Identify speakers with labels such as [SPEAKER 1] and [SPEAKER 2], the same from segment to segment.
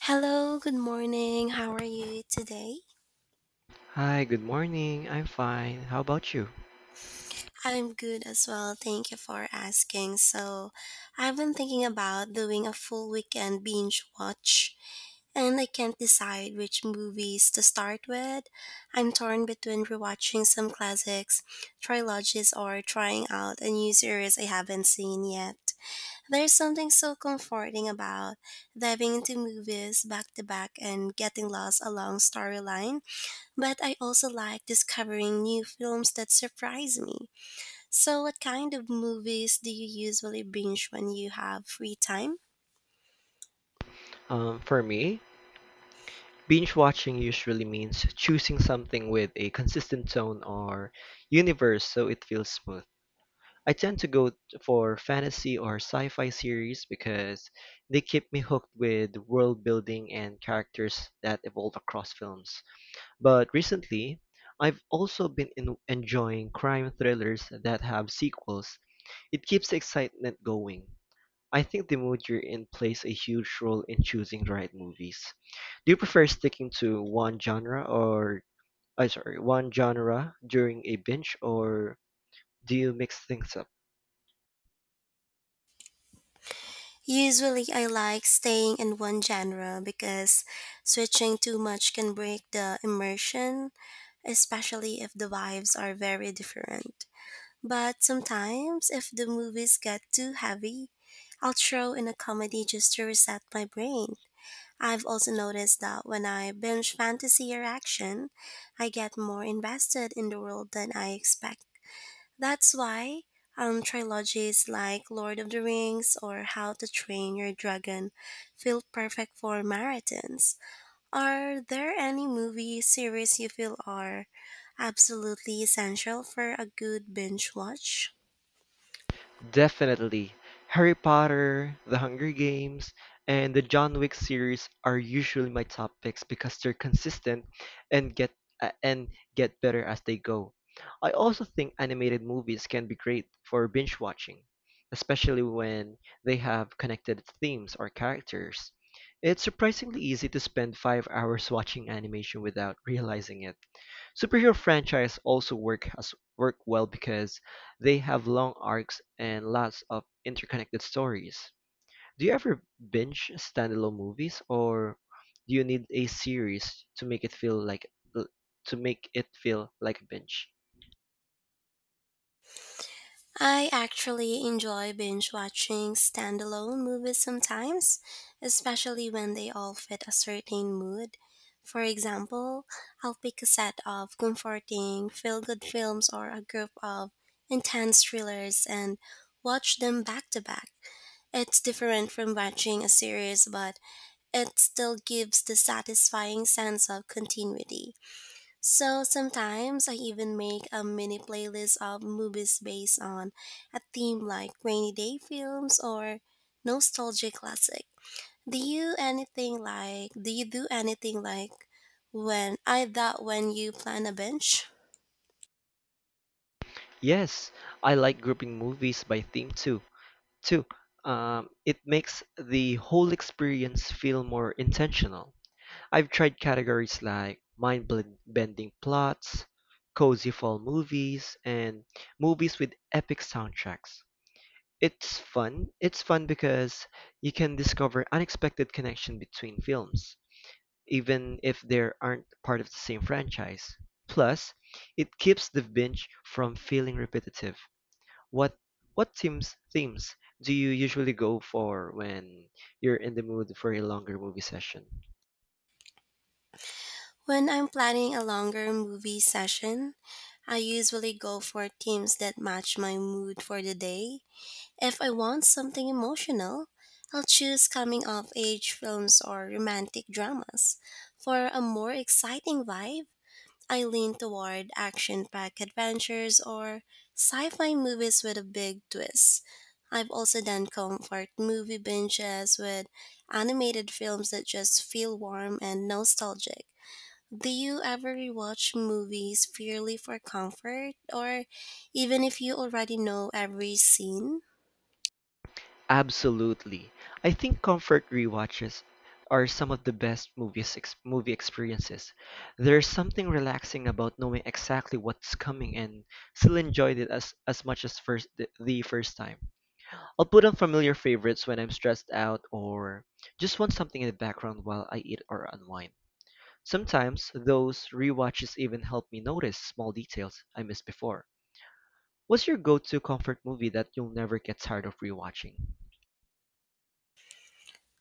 [SPEAKER 1] Hello, good morning. How are you today?
[SPEAKER 2] Hi, good morning. I'm fine. How about you?
[SPEAKER 1] I'm good as well. Thank you for asking. So, I've been thinking about doing a full weekend binge watch, and I can't decide which movies to start with. I'm torn between rewatching some classics, trilogies, or trying out a new series I haven't seen yet. There's something so comforting about diving into movies back to back and getting lost along storyline. But I also like discovering new films that surprise me. So, what kind of movies do you usually binge when you have free time?
[SPEAKER 2] For me, binge watching usually means choosing something with a consistent tone or universe so it feels smooth. I tend to go for fantasy or sci-fi series because they keep me hooked with world building and characters that evolve across films. But recently, I've also been in enjoying crime thrillers that have sequels. It keeps the excitement going. I think the mood you're in plays a huge role in choosing the right movies. Do you prefer sticking to one genre or one genre during a binge or do you mix things up?
[SPEAKER 1] Usually, I like staying in one genre because switching too much can break the immersion, especially if the vibes are very different. But sometimes, if the movies get too heavy, I'll throw in a comedy just to reset my brain. I've also noticed that when I binge fantasy or action, I get more invested in the world than I expect. That's why trilogies like Lord of the Rings or How to Train Your Dragon feel perfect for marathons. Are there any movie series you feel are absolutely essential for a good binge watch?
[SPEAKER 2] Definitely. Harry Potter, The Hunger Games, and the John Wick series are usually my top picks because they're consistent and uh, and get better as they go. I also think animated movies can be great for binge watching, especially when they have connected themes or characters. It's surprisingly easy to spend 5 hours watching animation without realizing it. Superhero franchise also work well because they have long arcs and lots of interconnected stories. Do you ever binge standalone movies or do you need a series to make it feel like a binge?
[SPEAKER 1] I actually enjoy binge watching standalone movies sometimes, especially when they all fit a certain mood. For example, I'll pick a set of comforting, feel good films or a group of intense thrillers and watch them back to back. It's different from watching a series, but it still gives the satisfying sense of continuity. So sometimes I even make a mini playlist of movies based on a theme like rainy day films or nostalgic classic. Do you do anything like when I that when you plan a bench?
[SPEAKER 2] Yes, I like grouping movies by theme too. Too, it makes the whole experience feel more intentional. I've tried categories like mind-bending plots, cozy fall movies, and movies with epic soundtracks. It's fun because you can discover unexpected connection between films, even if they aren't part of the same franchise. Plus, it keeps the binge from feeling repetitive. What what themes do you usually go for when you're in the mood for a longer movie session?
[SPEAKER 1] When I'm planning a longer movie session, I usually go for themes that match my mood for the day. If I want something emotional, I'll choose coming of age films or romantic dramas. For a more exciting vibe, I lean toward action packed adventures or sci fi movies with a big twist. I've also done comfort movie binges with animated films that just feel warm and nostalgic. Do you ever rewatch movies purely for comfort, or even if you already know every scene?
[SPEAKER 2] Absolutely. I think comfort rewatches are some of the best movie experiences. There's something relaxing about knowing exactly what's coming and still enjoyed it as much as the first time. I'll put on familiar favorites when I'm stressed out or just want something in the background while I eat or unwind. Sometimes those rewatches even help me notice small details I missed before. What's your go-to comfort movie that you'll never get tired of rewatching?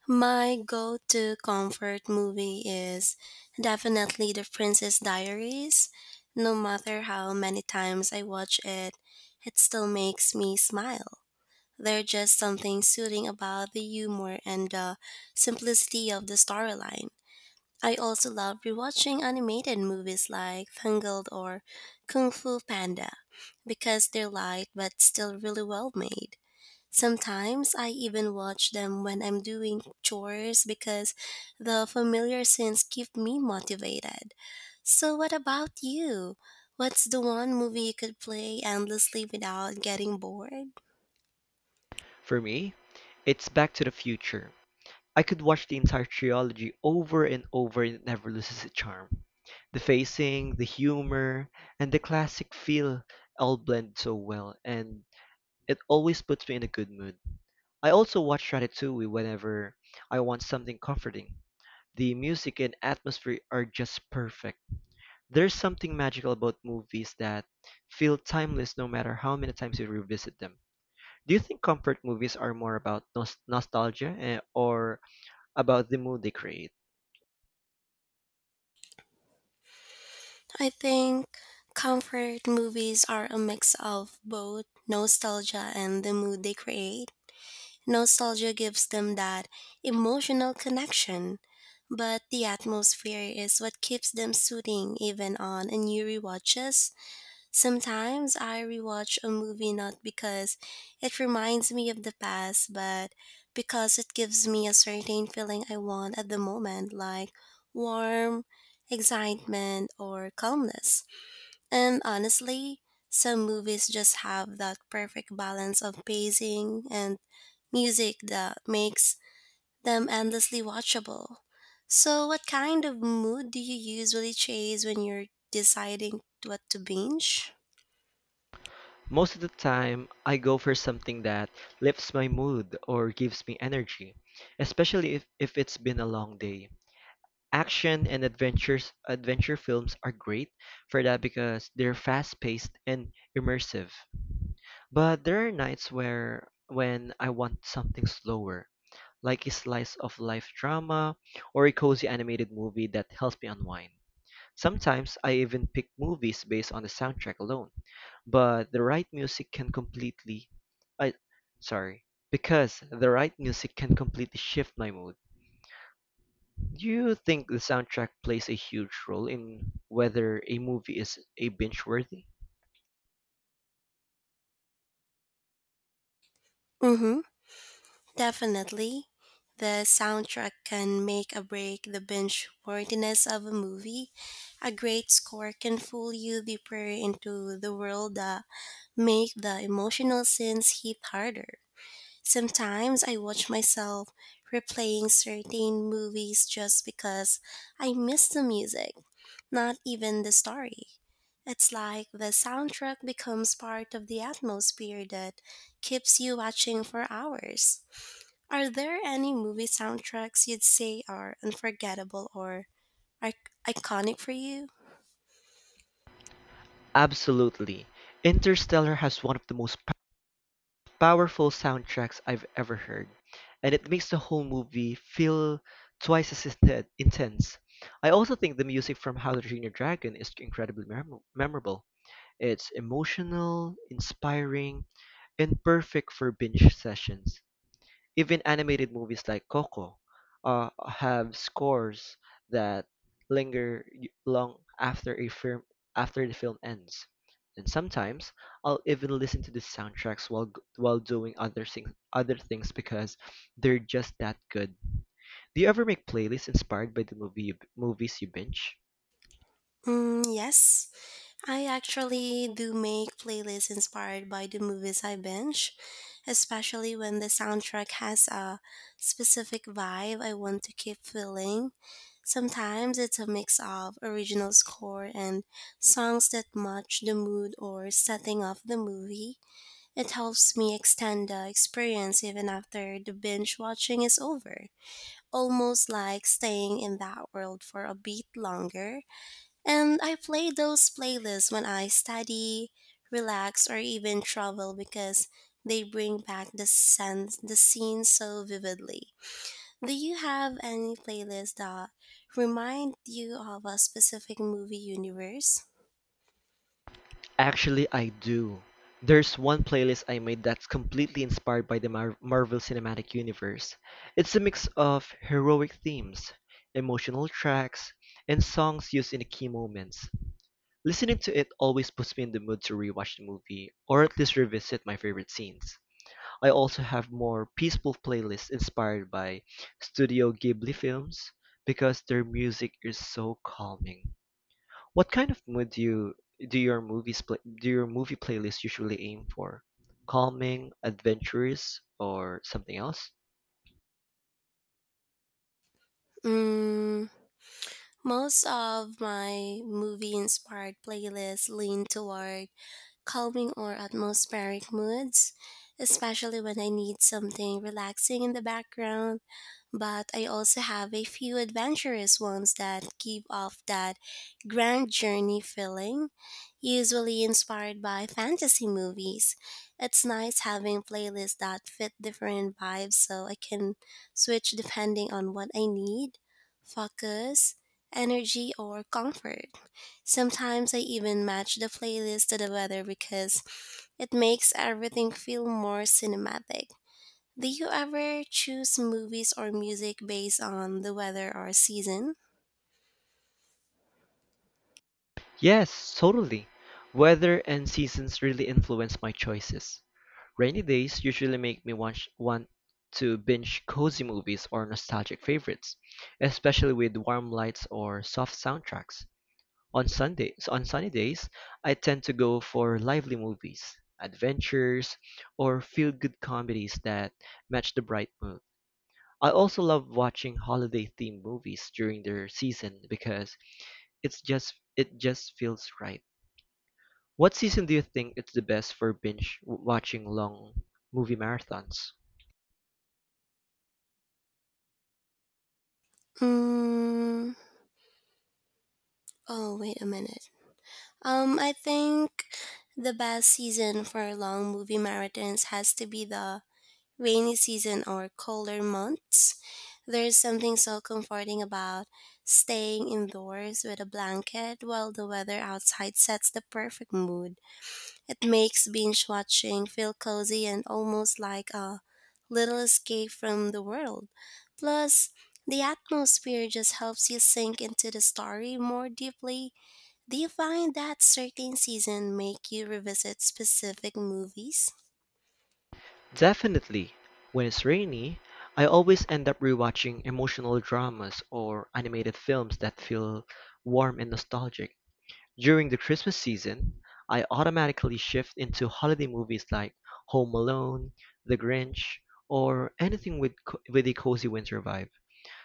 [SPEAKER 1] My go to comfort movie is definitely The Princess Diaries. No matter how many times I watch it, it still makes me smile. There's just something soothing about the humor and the simplicity of the storyline. I also love rewatching animated movies like Tangled or Kung Fu Panda because they're light but still really well made. Sometimes I even watch them when I'm doing chores because the familiar scenes keep me motivated. So, what about you? What's the one movie you could play endlessly without getting bored?
[SPEAKER 2] For me, it's Back to the Future. I could watch the entire trilogy over and over and it never loses its charm. The pacing, the humor, and the classic feel all blend so well, and it always puts me in a good mood. I also watch Ratatouille whenever I want something comforting. The music and atmosphere are just perfect. There's something magical about movies that feel timeless no matter how many times you revisit them. Do you think comfort movies are more about nostalgia or about the mood they create?
[SPEAKER 1] I think comfort movies are a mix of both nostalgia and the mood they create. Nostalgia gives them that emotional connection, but the atmosphere is what keeps them soothing even on new rewatches. Sometimes I rewatch a movie not because it reminds me of the past, but because it gives me a certain feeling I want at the moment, like warm, excitement, or calmness. And honestly, some movies just have that perfect balance of pacing and music that makes them endlessly watchable. So, what kind of mood do you usually chase when you're deciding what to binge?
[SPEAKER 2] Most of the time, I go for something that lifts my mood or gives me energy, especially if it's been a long day. Action and adventure films are great for that because they're fast-paced and immersive. But there are nights where when I want something slower, like a slice of life drama or a cozy animated movie that helps me unwind. Sometimes I even pick movies based on the soundtrack alone, but the right music can completely I sorry, because the right music can completely shift my mood. Do you think the soundtrack plays a huge role in whether a movie is a binge worthy?
[SPEAKER 1] Mm hmm. Definitely, the soundtrack can make or break the binge worthiness of a movie. A great score can fool you deeper into the world that make the emotional scenes hit harder. Sometimes I watch myself replaying certain movies just because I miss the music, not even the story. It's like the soundtrack becomes part of the atmosphere that keeps you watching for hours. Are there any movie soundtracks you'd say are unforgettable or iconic for you?
[SPEAKER 2] Absolutely. Interstellar has one of the most powerful soundtracks I've ever heard, and it makes the whole movie feel twice as intense. I also think the music from How to Train Your Dragon is incredibly memorable. It's emotional, inspiring, and perfect for binge sessions. Even animated movies like Coco have scores that long after a film after the film ends. And sometimes I'll even listen to the soundtracks while while doing other things because they're just that good. Do you ever make playlists inspired by the movies you binge?
[SPEAKER 1] Mm, yes, I actually do make playlists inspired by the movies I binge, especially when the soundtrack has a specific vibe I want to keep feeling. Sometimes it's a mix of original score and songs that match the mood or setting of the movie. It helps me extend the experience even after the binge watching is over, almost like staying in that world for a bit longer. And I play those playlists when I study, relax, or even travel because they bring back the sense the scene so vividly. Do you have any playlist that remind you of a specific movie universe?
[SPEAKER 2] Actually, I do. There's one playlist I made that's completely inspired by the Marvel Cinematic Universe. It's a mix of heroic themes, emotional tracks, and songs used in key moments. Listening to it always puts me in the mood to rewatch the movie, or at least revisit my favorite scenes. I also have more peaceful playlists inspired by Studio Ghibli films because their music is so calming. What kind of mood do you do your movies play, do your movie playlists usually aim for? Calming, adventurous, or something else?
[SPEAKER 1] Mm, most of my movie inspired playlists lean toward calming or atmospheric moods, especially when I need something relaxing in the background. But I also have a few adventurous ones that give off that grand journey feeling, usually inspired by fantasy movies. It's nice having playlists that fit different vibes so I can switch depending on what I need, focus, energy, or comfort. Sometimes I even match the playlist to the weather because it makes everything feel more cinematic. Do you ever choose movies or music based on the weather or season?
[SPEAKER 2] Yes, totally. Weather and seasons really influence my choices. Rainy days usually make me want to binge cozy movies or nostalgic favorites, especially with warm lights or soft soundtracks. On sunny days, I tend to go for lively movies, adventures, or feel-good comedies that match the bright mood. I also love watching holiday-themed movies during their season because it just feels right. What season do you think it's the best for binge watching long movie marathons?
[SPEAKER 1] Mm, oh, wait a minute. I think the best season for long movie marathons has to be the rainy season or colder months. There's something so comforting about staying indoors with a blanket while the weather outside sets the perfect mood. It makes binge watching feel cozy and almost like a little escape from the world. Plus, the atmosphere just helps you sink into the story more deeply. Do you find that certain season make you revisit specific movies?
[SPEAKER 2] Definitely. When it's rainy, I always end up rewatching emotional dramas or animated films that feel warm and nostalgic. During the Christmas season, I automatically shift into holiday movies like Home Alone, The Grinch, or anything with a cozy winter vibe.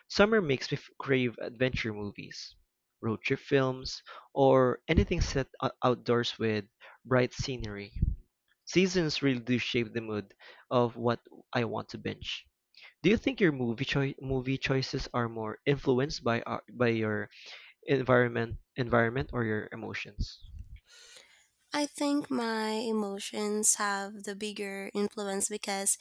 [SPEAKER 2] Summer makes me crave adventure movies, road trip films, or anything set outdoors with bright scenery. Seasons really do shape the mood of what I want to binge. Do you think your movie choices are more influenced by by your environment or your emotions?
[SPEAKER 1] I think my emotions have the bigger influence because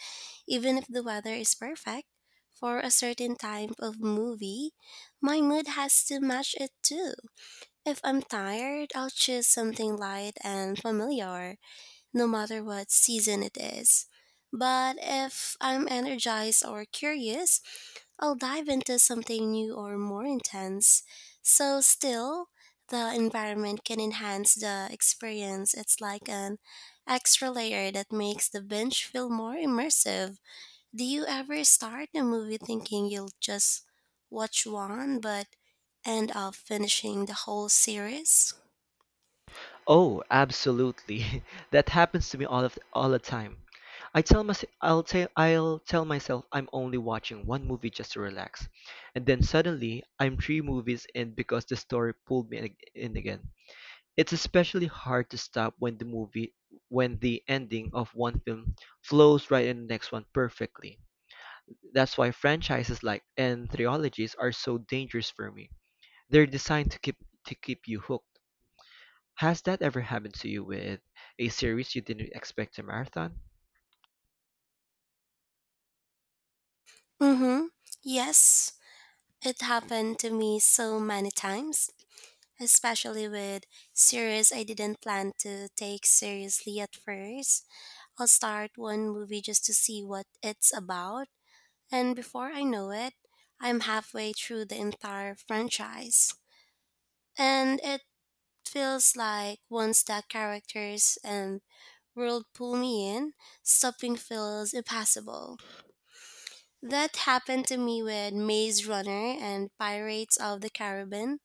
[SPEAKER 1] even if the weather is perfect for a certain type of movie, my mood has to match it too. If I'm tired, I'll choose something light and familiar, no matter what season it is. But if I'm energized or curious, I'll dive into something new or more intense. So, still, the environment can enhance the experience. It's like an extra layer that makes the binge feel more immersive. Do you ever start a movie thinking you'll just watch one, but end up finishing the whole series?
[SPEAKER 2] Oh, absolutely. That happens to me all the time. I'll tell myself I'm only watching one movie just to relax. And then suddenly I'm three movies in because the story pulled me in again. It's especially hard to stop when the movie when the ending of one film flows right in the next one perfectly. That's why franchises like and trilogies are so dangerous for me. They're designed to keep you hooked. Has that ever happened to you with a series you didn't expect to marathon?
[SPEAKER 1] Mm-hmm. Yes, it happened to me so many times, especially with series I didn't plan to take seriously at first. I'll start one movie just to see what it's about, and before I know it, I'm halfway through the entire franchise. And it feels like once the characters and world pull me in, stopping feels impossible. That happened to me with Maze Runner and Pirates of the Caribbean.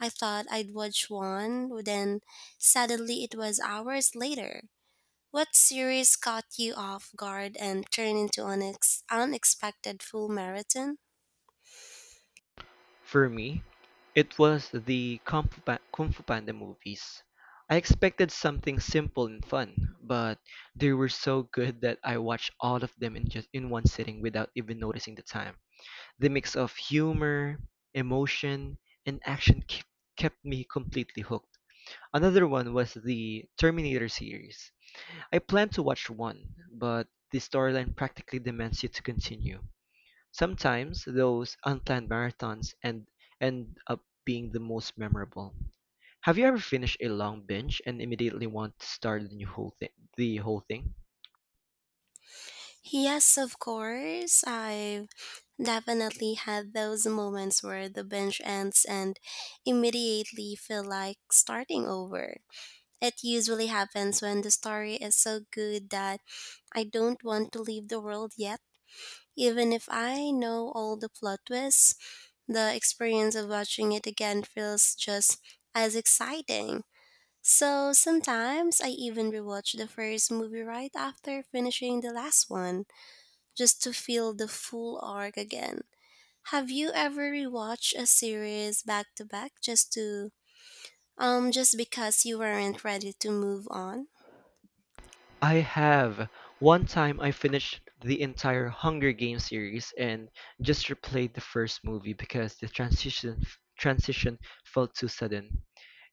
[SPEAKER 1] I thought I'd watch one, then suddenly it was hours later. What series caught you off guard and turned into an unexpected full marathon?
[SPEAKER 2] For me, it was the Kung Fu Panda movies. I expected something simple and fun, but they were so good that I watched all of them in just in one sitting without even noticing the time. The mix of humor, emotion, and action kept me completely hooked. Another one was the Terminator series. I planned to watch one, but the storyline practically demands you to continue. Sometimes those unplanned marathons end up being the most memorable. Have you ever finished a long binge and immediately want to start the whole thing?
[SPEAKER 1] Yes, of course. I've definitely had those moments where the binge ends and immediately feel like starting over. It usually happens when the story is so good that I don't want to leave the world yet. Even if I know all the plot twists, the experience of watching it again feels just as exciting. So sometimes I even rewatch the first movie right after finishing the last one, just to feel the full arc again. Have you ever rewatched a series back to back just to just because you weren't ready to move on?
[SPEAKER 2] I have. One time I finished the entire Hunger Games series and just replayed the first movie because the transition felt too sudden.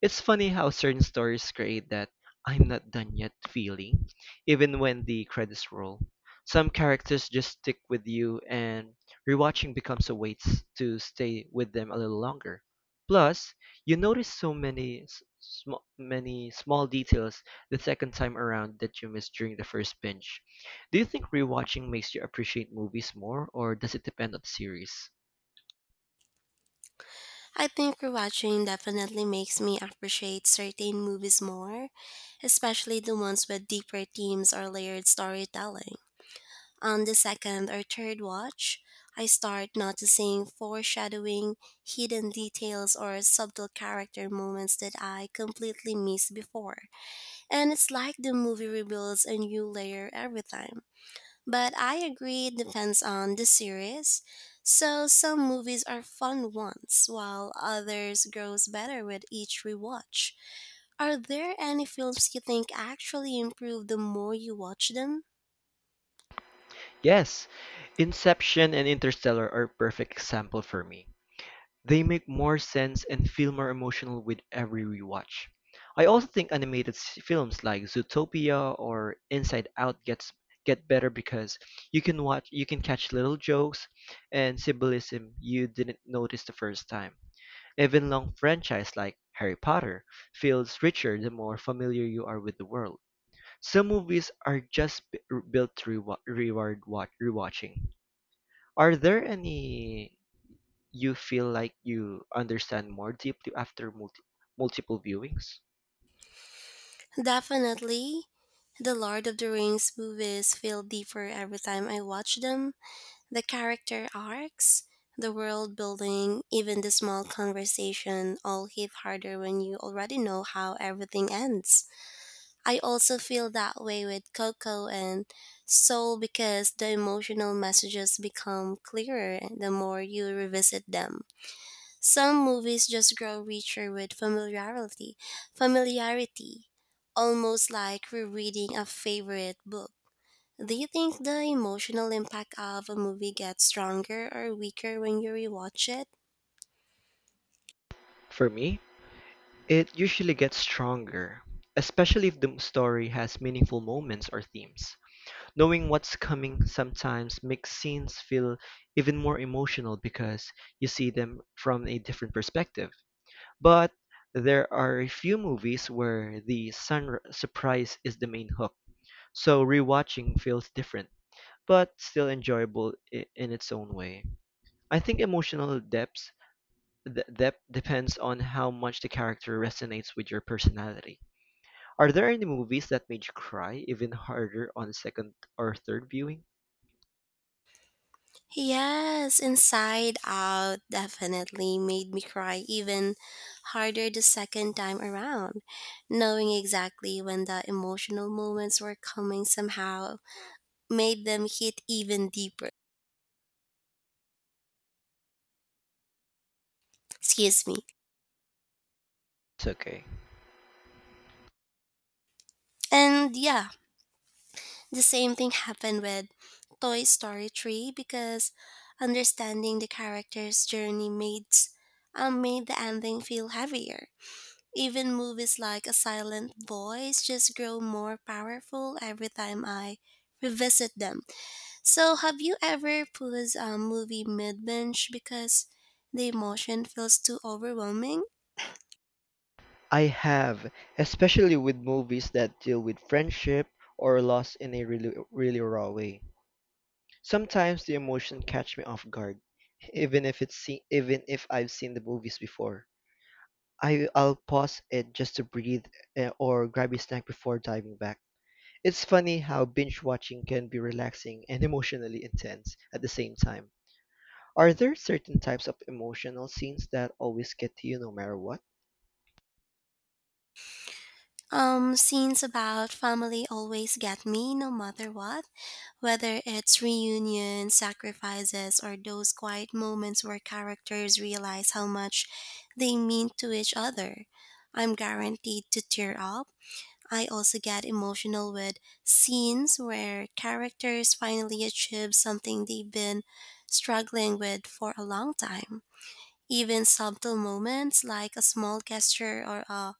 [SPEAKER 2] It's funny how certain stories create that I'm not done yet feeling, even when the credits roll. Some characters just stick with you and rewatching becomes a way to stay with them a little longer. Plus, you notice so many small details the second time around that you missed during the first binge. Do you think rewatching makes you appreciate movies more, or does it depend on the series?
[SPEAKER 1] I think rewatching definitely makes me appreciate certain movies more, especially the ones with deeper themes or layered storytelling. On the second or third watch, I start noticing foreshadowing, hidden details, or subtle character moments that I completely missed before. And it's like the movie reveals a new layer every time. But I agree it depends on the series. So some movies are fun once, while others grows better with each rewatch. Are there any films you think actually improve the more you watch them?
[SPEAKER 2] Yes, Inception and Interstellar are perfect example for me. They make more sense and feel more emotional with every rewatch. I also think animated films like Zootopia or Inside Out get better because you can catch little jokes and symbolism you didn't notice the first time. Even long franchise like Harry Potter feels richer the more familiar you are with the world. Some movies are just built to rewatching. Are there any you feel like you understand more deeply after multiple viewings?
[SPEAKER 1] Definitely. The Lord of the Rings movies feel deeper every time I watch them. The character arcs, the world building, even the small conversation all hit harder when you already know how everything ends. I also feel that way with Coco and Soul because the emotional messages become clearer the more you revisit them. Some movies just grow richer with familiarity, almost like rereading a favorite book. Do you think the emotional impact of a movie gets stronger or weaker when you rewatch it?
[SPEAKER 2] For me, it usually gets stronger, especially if the story has meaningful moments or themes. Knowing what's coming sometimes makes scenes feel even more emotional because you see them from a different perspective. But there are a few movies where the sun surprise is the main hook. So rewatching feels different, but still enjoyable in its own way. I think emotional depth depends on how much the character resonates with your personality. Are there any movies that made you cry even harder on second or third viewing?
[SPEAKER 1] Yes, Inside Out definitely made me cry even harder the second time around. Knowing exactly when the emotional moments were coming somehow made them hit even deeper. Excuse me.
[SPEAKER 2] It's okay.
[SPEAKER 1] And yeah, the same thing happened with Toy Story 3 because understanding the character's journey made the ending feel heavier. Even movies like A Silent Voice just grow more powerful every time I revisit them. So, have you ever paused a movie mid binge because the emotion feels too overwhelming?
[SPEAKER 2] I have, especially with movies that deal with friendship or loss in a really really raw way. Sometimes the emotion catch me off guard, even if even if I've seen the movies before. I'll pause it just to breathe or grab a snack before diving back. It's funny how binge watching can be relaxing and emotionally intense at the same time. Are there certain types of emotional scenes that always get to you no matter what?
[SPEAKER 1] Scenes about family always get me no matter what, whether it's reunions, sacrifices, or those quiet moments where characters realize how much they mean to each other. I'm guaranteed to tear up. I also get emotional with scenes where characters finally achieve something they've been struggling with for a long time. Even subtle moments like a small gesture or a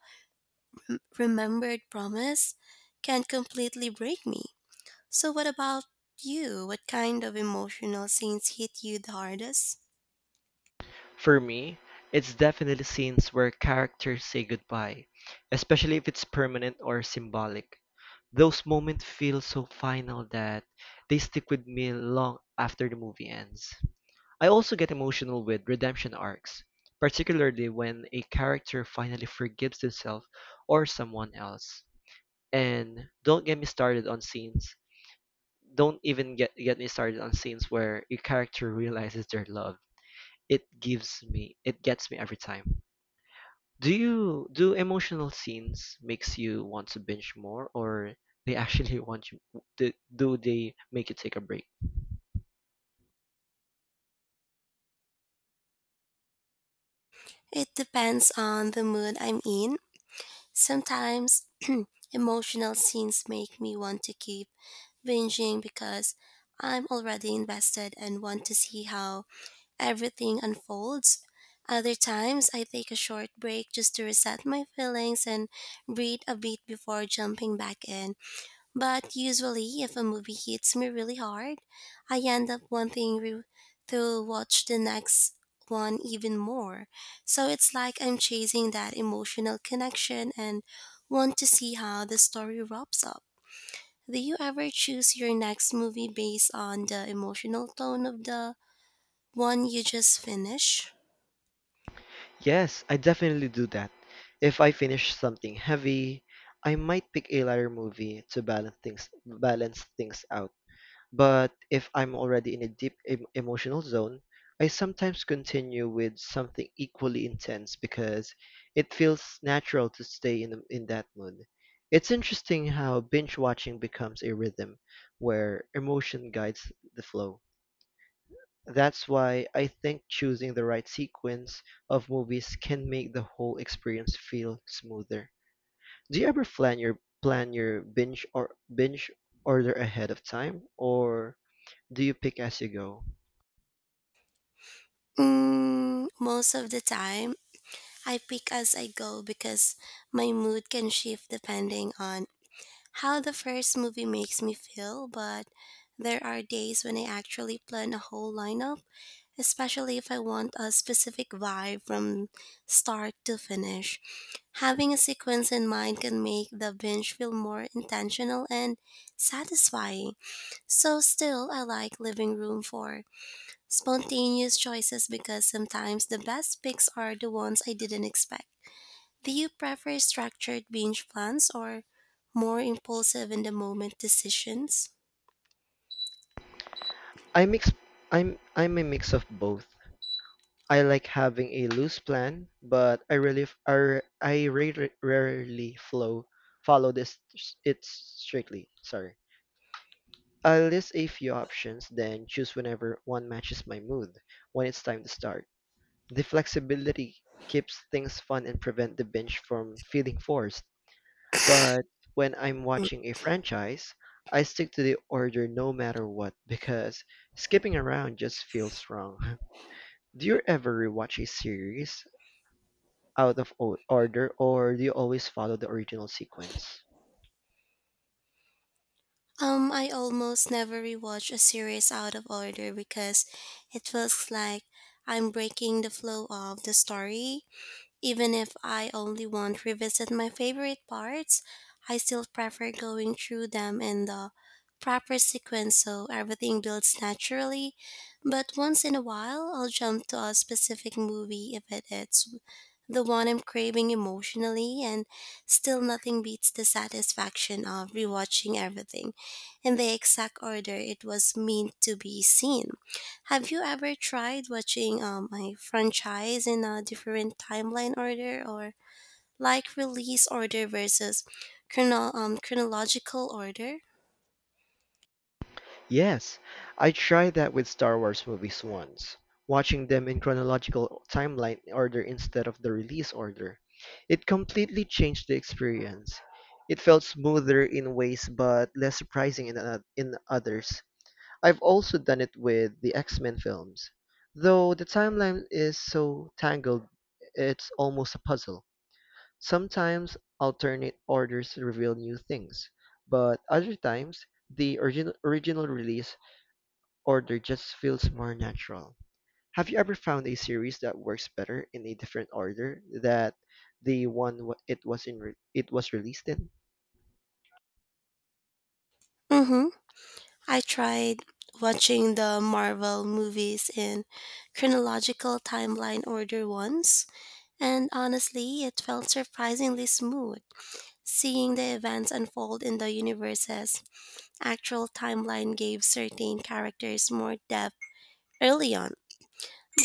[SPEAKER 1] remembered promise can completely break me. So, what about you? What kind of emotional scenes hit you the hardest?
[SPEAKER 2] For me, it's definitely scenes where characters say goodbye, especially if it's permanent or symbolic. Those moments feel so final that they stick with me long after the movie ends. I also get emotional with redemption arcs, particularly when a character finally forgives themselves or someone else. And don't get me started on scenes. Don't even get me started on scenes where a character realizes their love. It gets me every time. Do emotional scenes makes you want to binge more, or they actually want you? Do they make you take a break?
[SPEAKER 1] It depends on the mood I'm in. Sometimes emotional scenes make me want to keep binging because I'm already invested and want to see how everything unfolds. Other times, I take a short break just to reset my feelings and breathe a bit before jumping back in. But usually, if a movie hits me really hard, I end up to watch the next one even more. So it's like I'm chasing that emotional connection and want to see how the story wraps up. Do you ever choose your next movie based on the emotional tone of the one you just finished?
[SPEAKER 2] Yes, I definitely do that. If I finish something heavy, I might pick a lighter movie to balance things out. But if I'm already in a deep emotional zone, I sometimes continue with something equally intense because it feels natural to stay in that mood. It's interesting how binge watching becomes a rhythm where emotion guides the flow. That's why I think choosing the right sequence of movies can make the whole experience feel smoother. Do you ever plan your binge order ahead of time or do you pick as you go?
[SPEAKER 1] Mm, most of the time, I pick as I go because my mood can shift depending on how the first movie makes me feel, but there are days when I actually plan a whole lineup, especially if I want a specific vibe from start to finish. Having a sequence in mind can make the binge feel more intentional and satisfying. So, still, I like living room for spontaneous choices because sometimes the best picks are the ones I didn't expect. Do you prefer structured binge plans or more impulsive in the moment decisions?
[SPEAKER 2] I mix I'm a mix of both. I like having a loose plan, but I really rarely flow follow it strictly. Sorry. I'll list a few options, then choose whenever one matches my mood when it's time to start. The flexibility keeps things fun and prevent the binge from feeling forced. But when I'm
[SPEAKER 1] Mm.
[SPEAKER 2] watching a franchise, I stick to the order no matter what because skipping around just feels wrong. Do you ever rewatch a series out order or do you always follow the original sequence?
[SPEAKER 1] I almost never rewatch a series out of order because it feels like I'm breaking the flow of the story. Even if I only want to revisit my favorite parts, I still prefer going through them in the proper sequence so everything builds naturally. But once in a while, I'll jump to a specific movie if it is the one I'm craving emotionally, and still nothing beats the satisfaction of rewatching everything in the exact order it was meant to be seen. Have you ever tried watching a franchise in a different timeline order or like release order versus chronological order?
[SPEAKER 2] Yes, I tried that with Star Wars movies once, watching them in chronological timeline order instead of the release order. It completely changed the experience. It felt smoother in ways but less surprising in others. I've also done it with the X-Men films, though the timeline is so tangled it's almost a puzzle. Sometimes alternate orders reveal new things, but other times the original release order just feels more natural. Have you ever found a series that works better in a different order that the one w- it was in re- it was released in?
[SPEAKER 1] Mm-hmm. I tried watching the Marvel movies in chronological timeline order once and honestly, it felt surprisingly smooth. Seeing the events unfold in the universe's actual timeline gave certain characters more depth early on.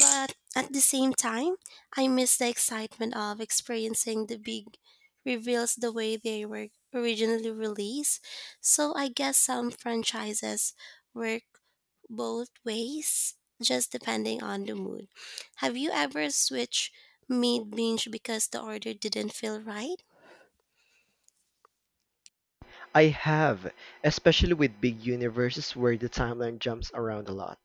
[SPEAKER 1] But at the same time, I miss the excitement of experiencing the big reveals the way they were originally released. So I guess some franchises work both ways, just depending on the mood. Have you ever switched mid binge because the order didn't feel right?
[SPEAKER 2] I have, especially with big universes where the timeline jumps around a lot.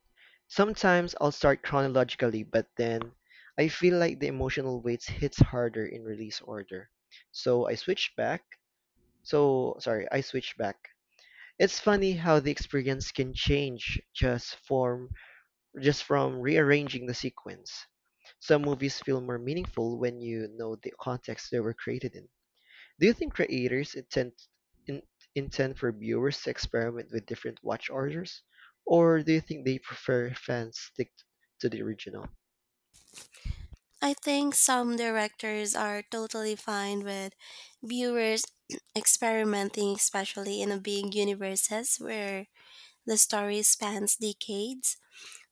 [SPEAKER 2] Sometimes I'll start chronologically, but then I feel like the emotional weight hits harder in release order. So I switch back. I switch back. It's funny how the experience can change just from rearranging the sequence. Some movies feel more meaningful when you know the context they were created in. Do you think creators in, intend for viewers to experiment with different watch orders, or do you think they prefer fans stick to the original?
[SPEAKER 1] I think some directors are totally fine with viewers experimenting, especially in a big universes where the story spans decades.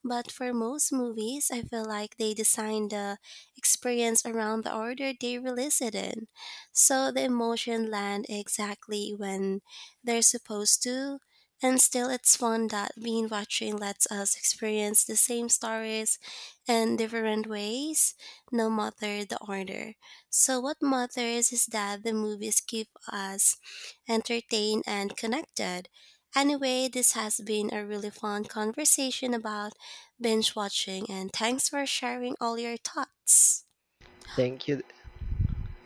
[SPEAKER 1] But for most movies, I feel like they design the experience around the order they release it in. So the emotion land exactly when they're supposed to. And still, it's fun that being watching lets us experience the same stories in different ways, no matter the order. So, what matters is that the movies keep us entertained and connected. Anyway, this has been a really fun conversation about binge watching, and thanks for sharing all your thoughts.
[SPEAKER 2] Thank you.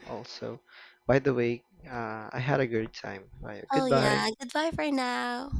[SPEAKER 2] Also, by the way, I had a good time. Bye.
[SPEAKER 1] Oh,
[SPEAKER 2] Goodbye.
[SPEAKER 1] yeah. Goodbye for now.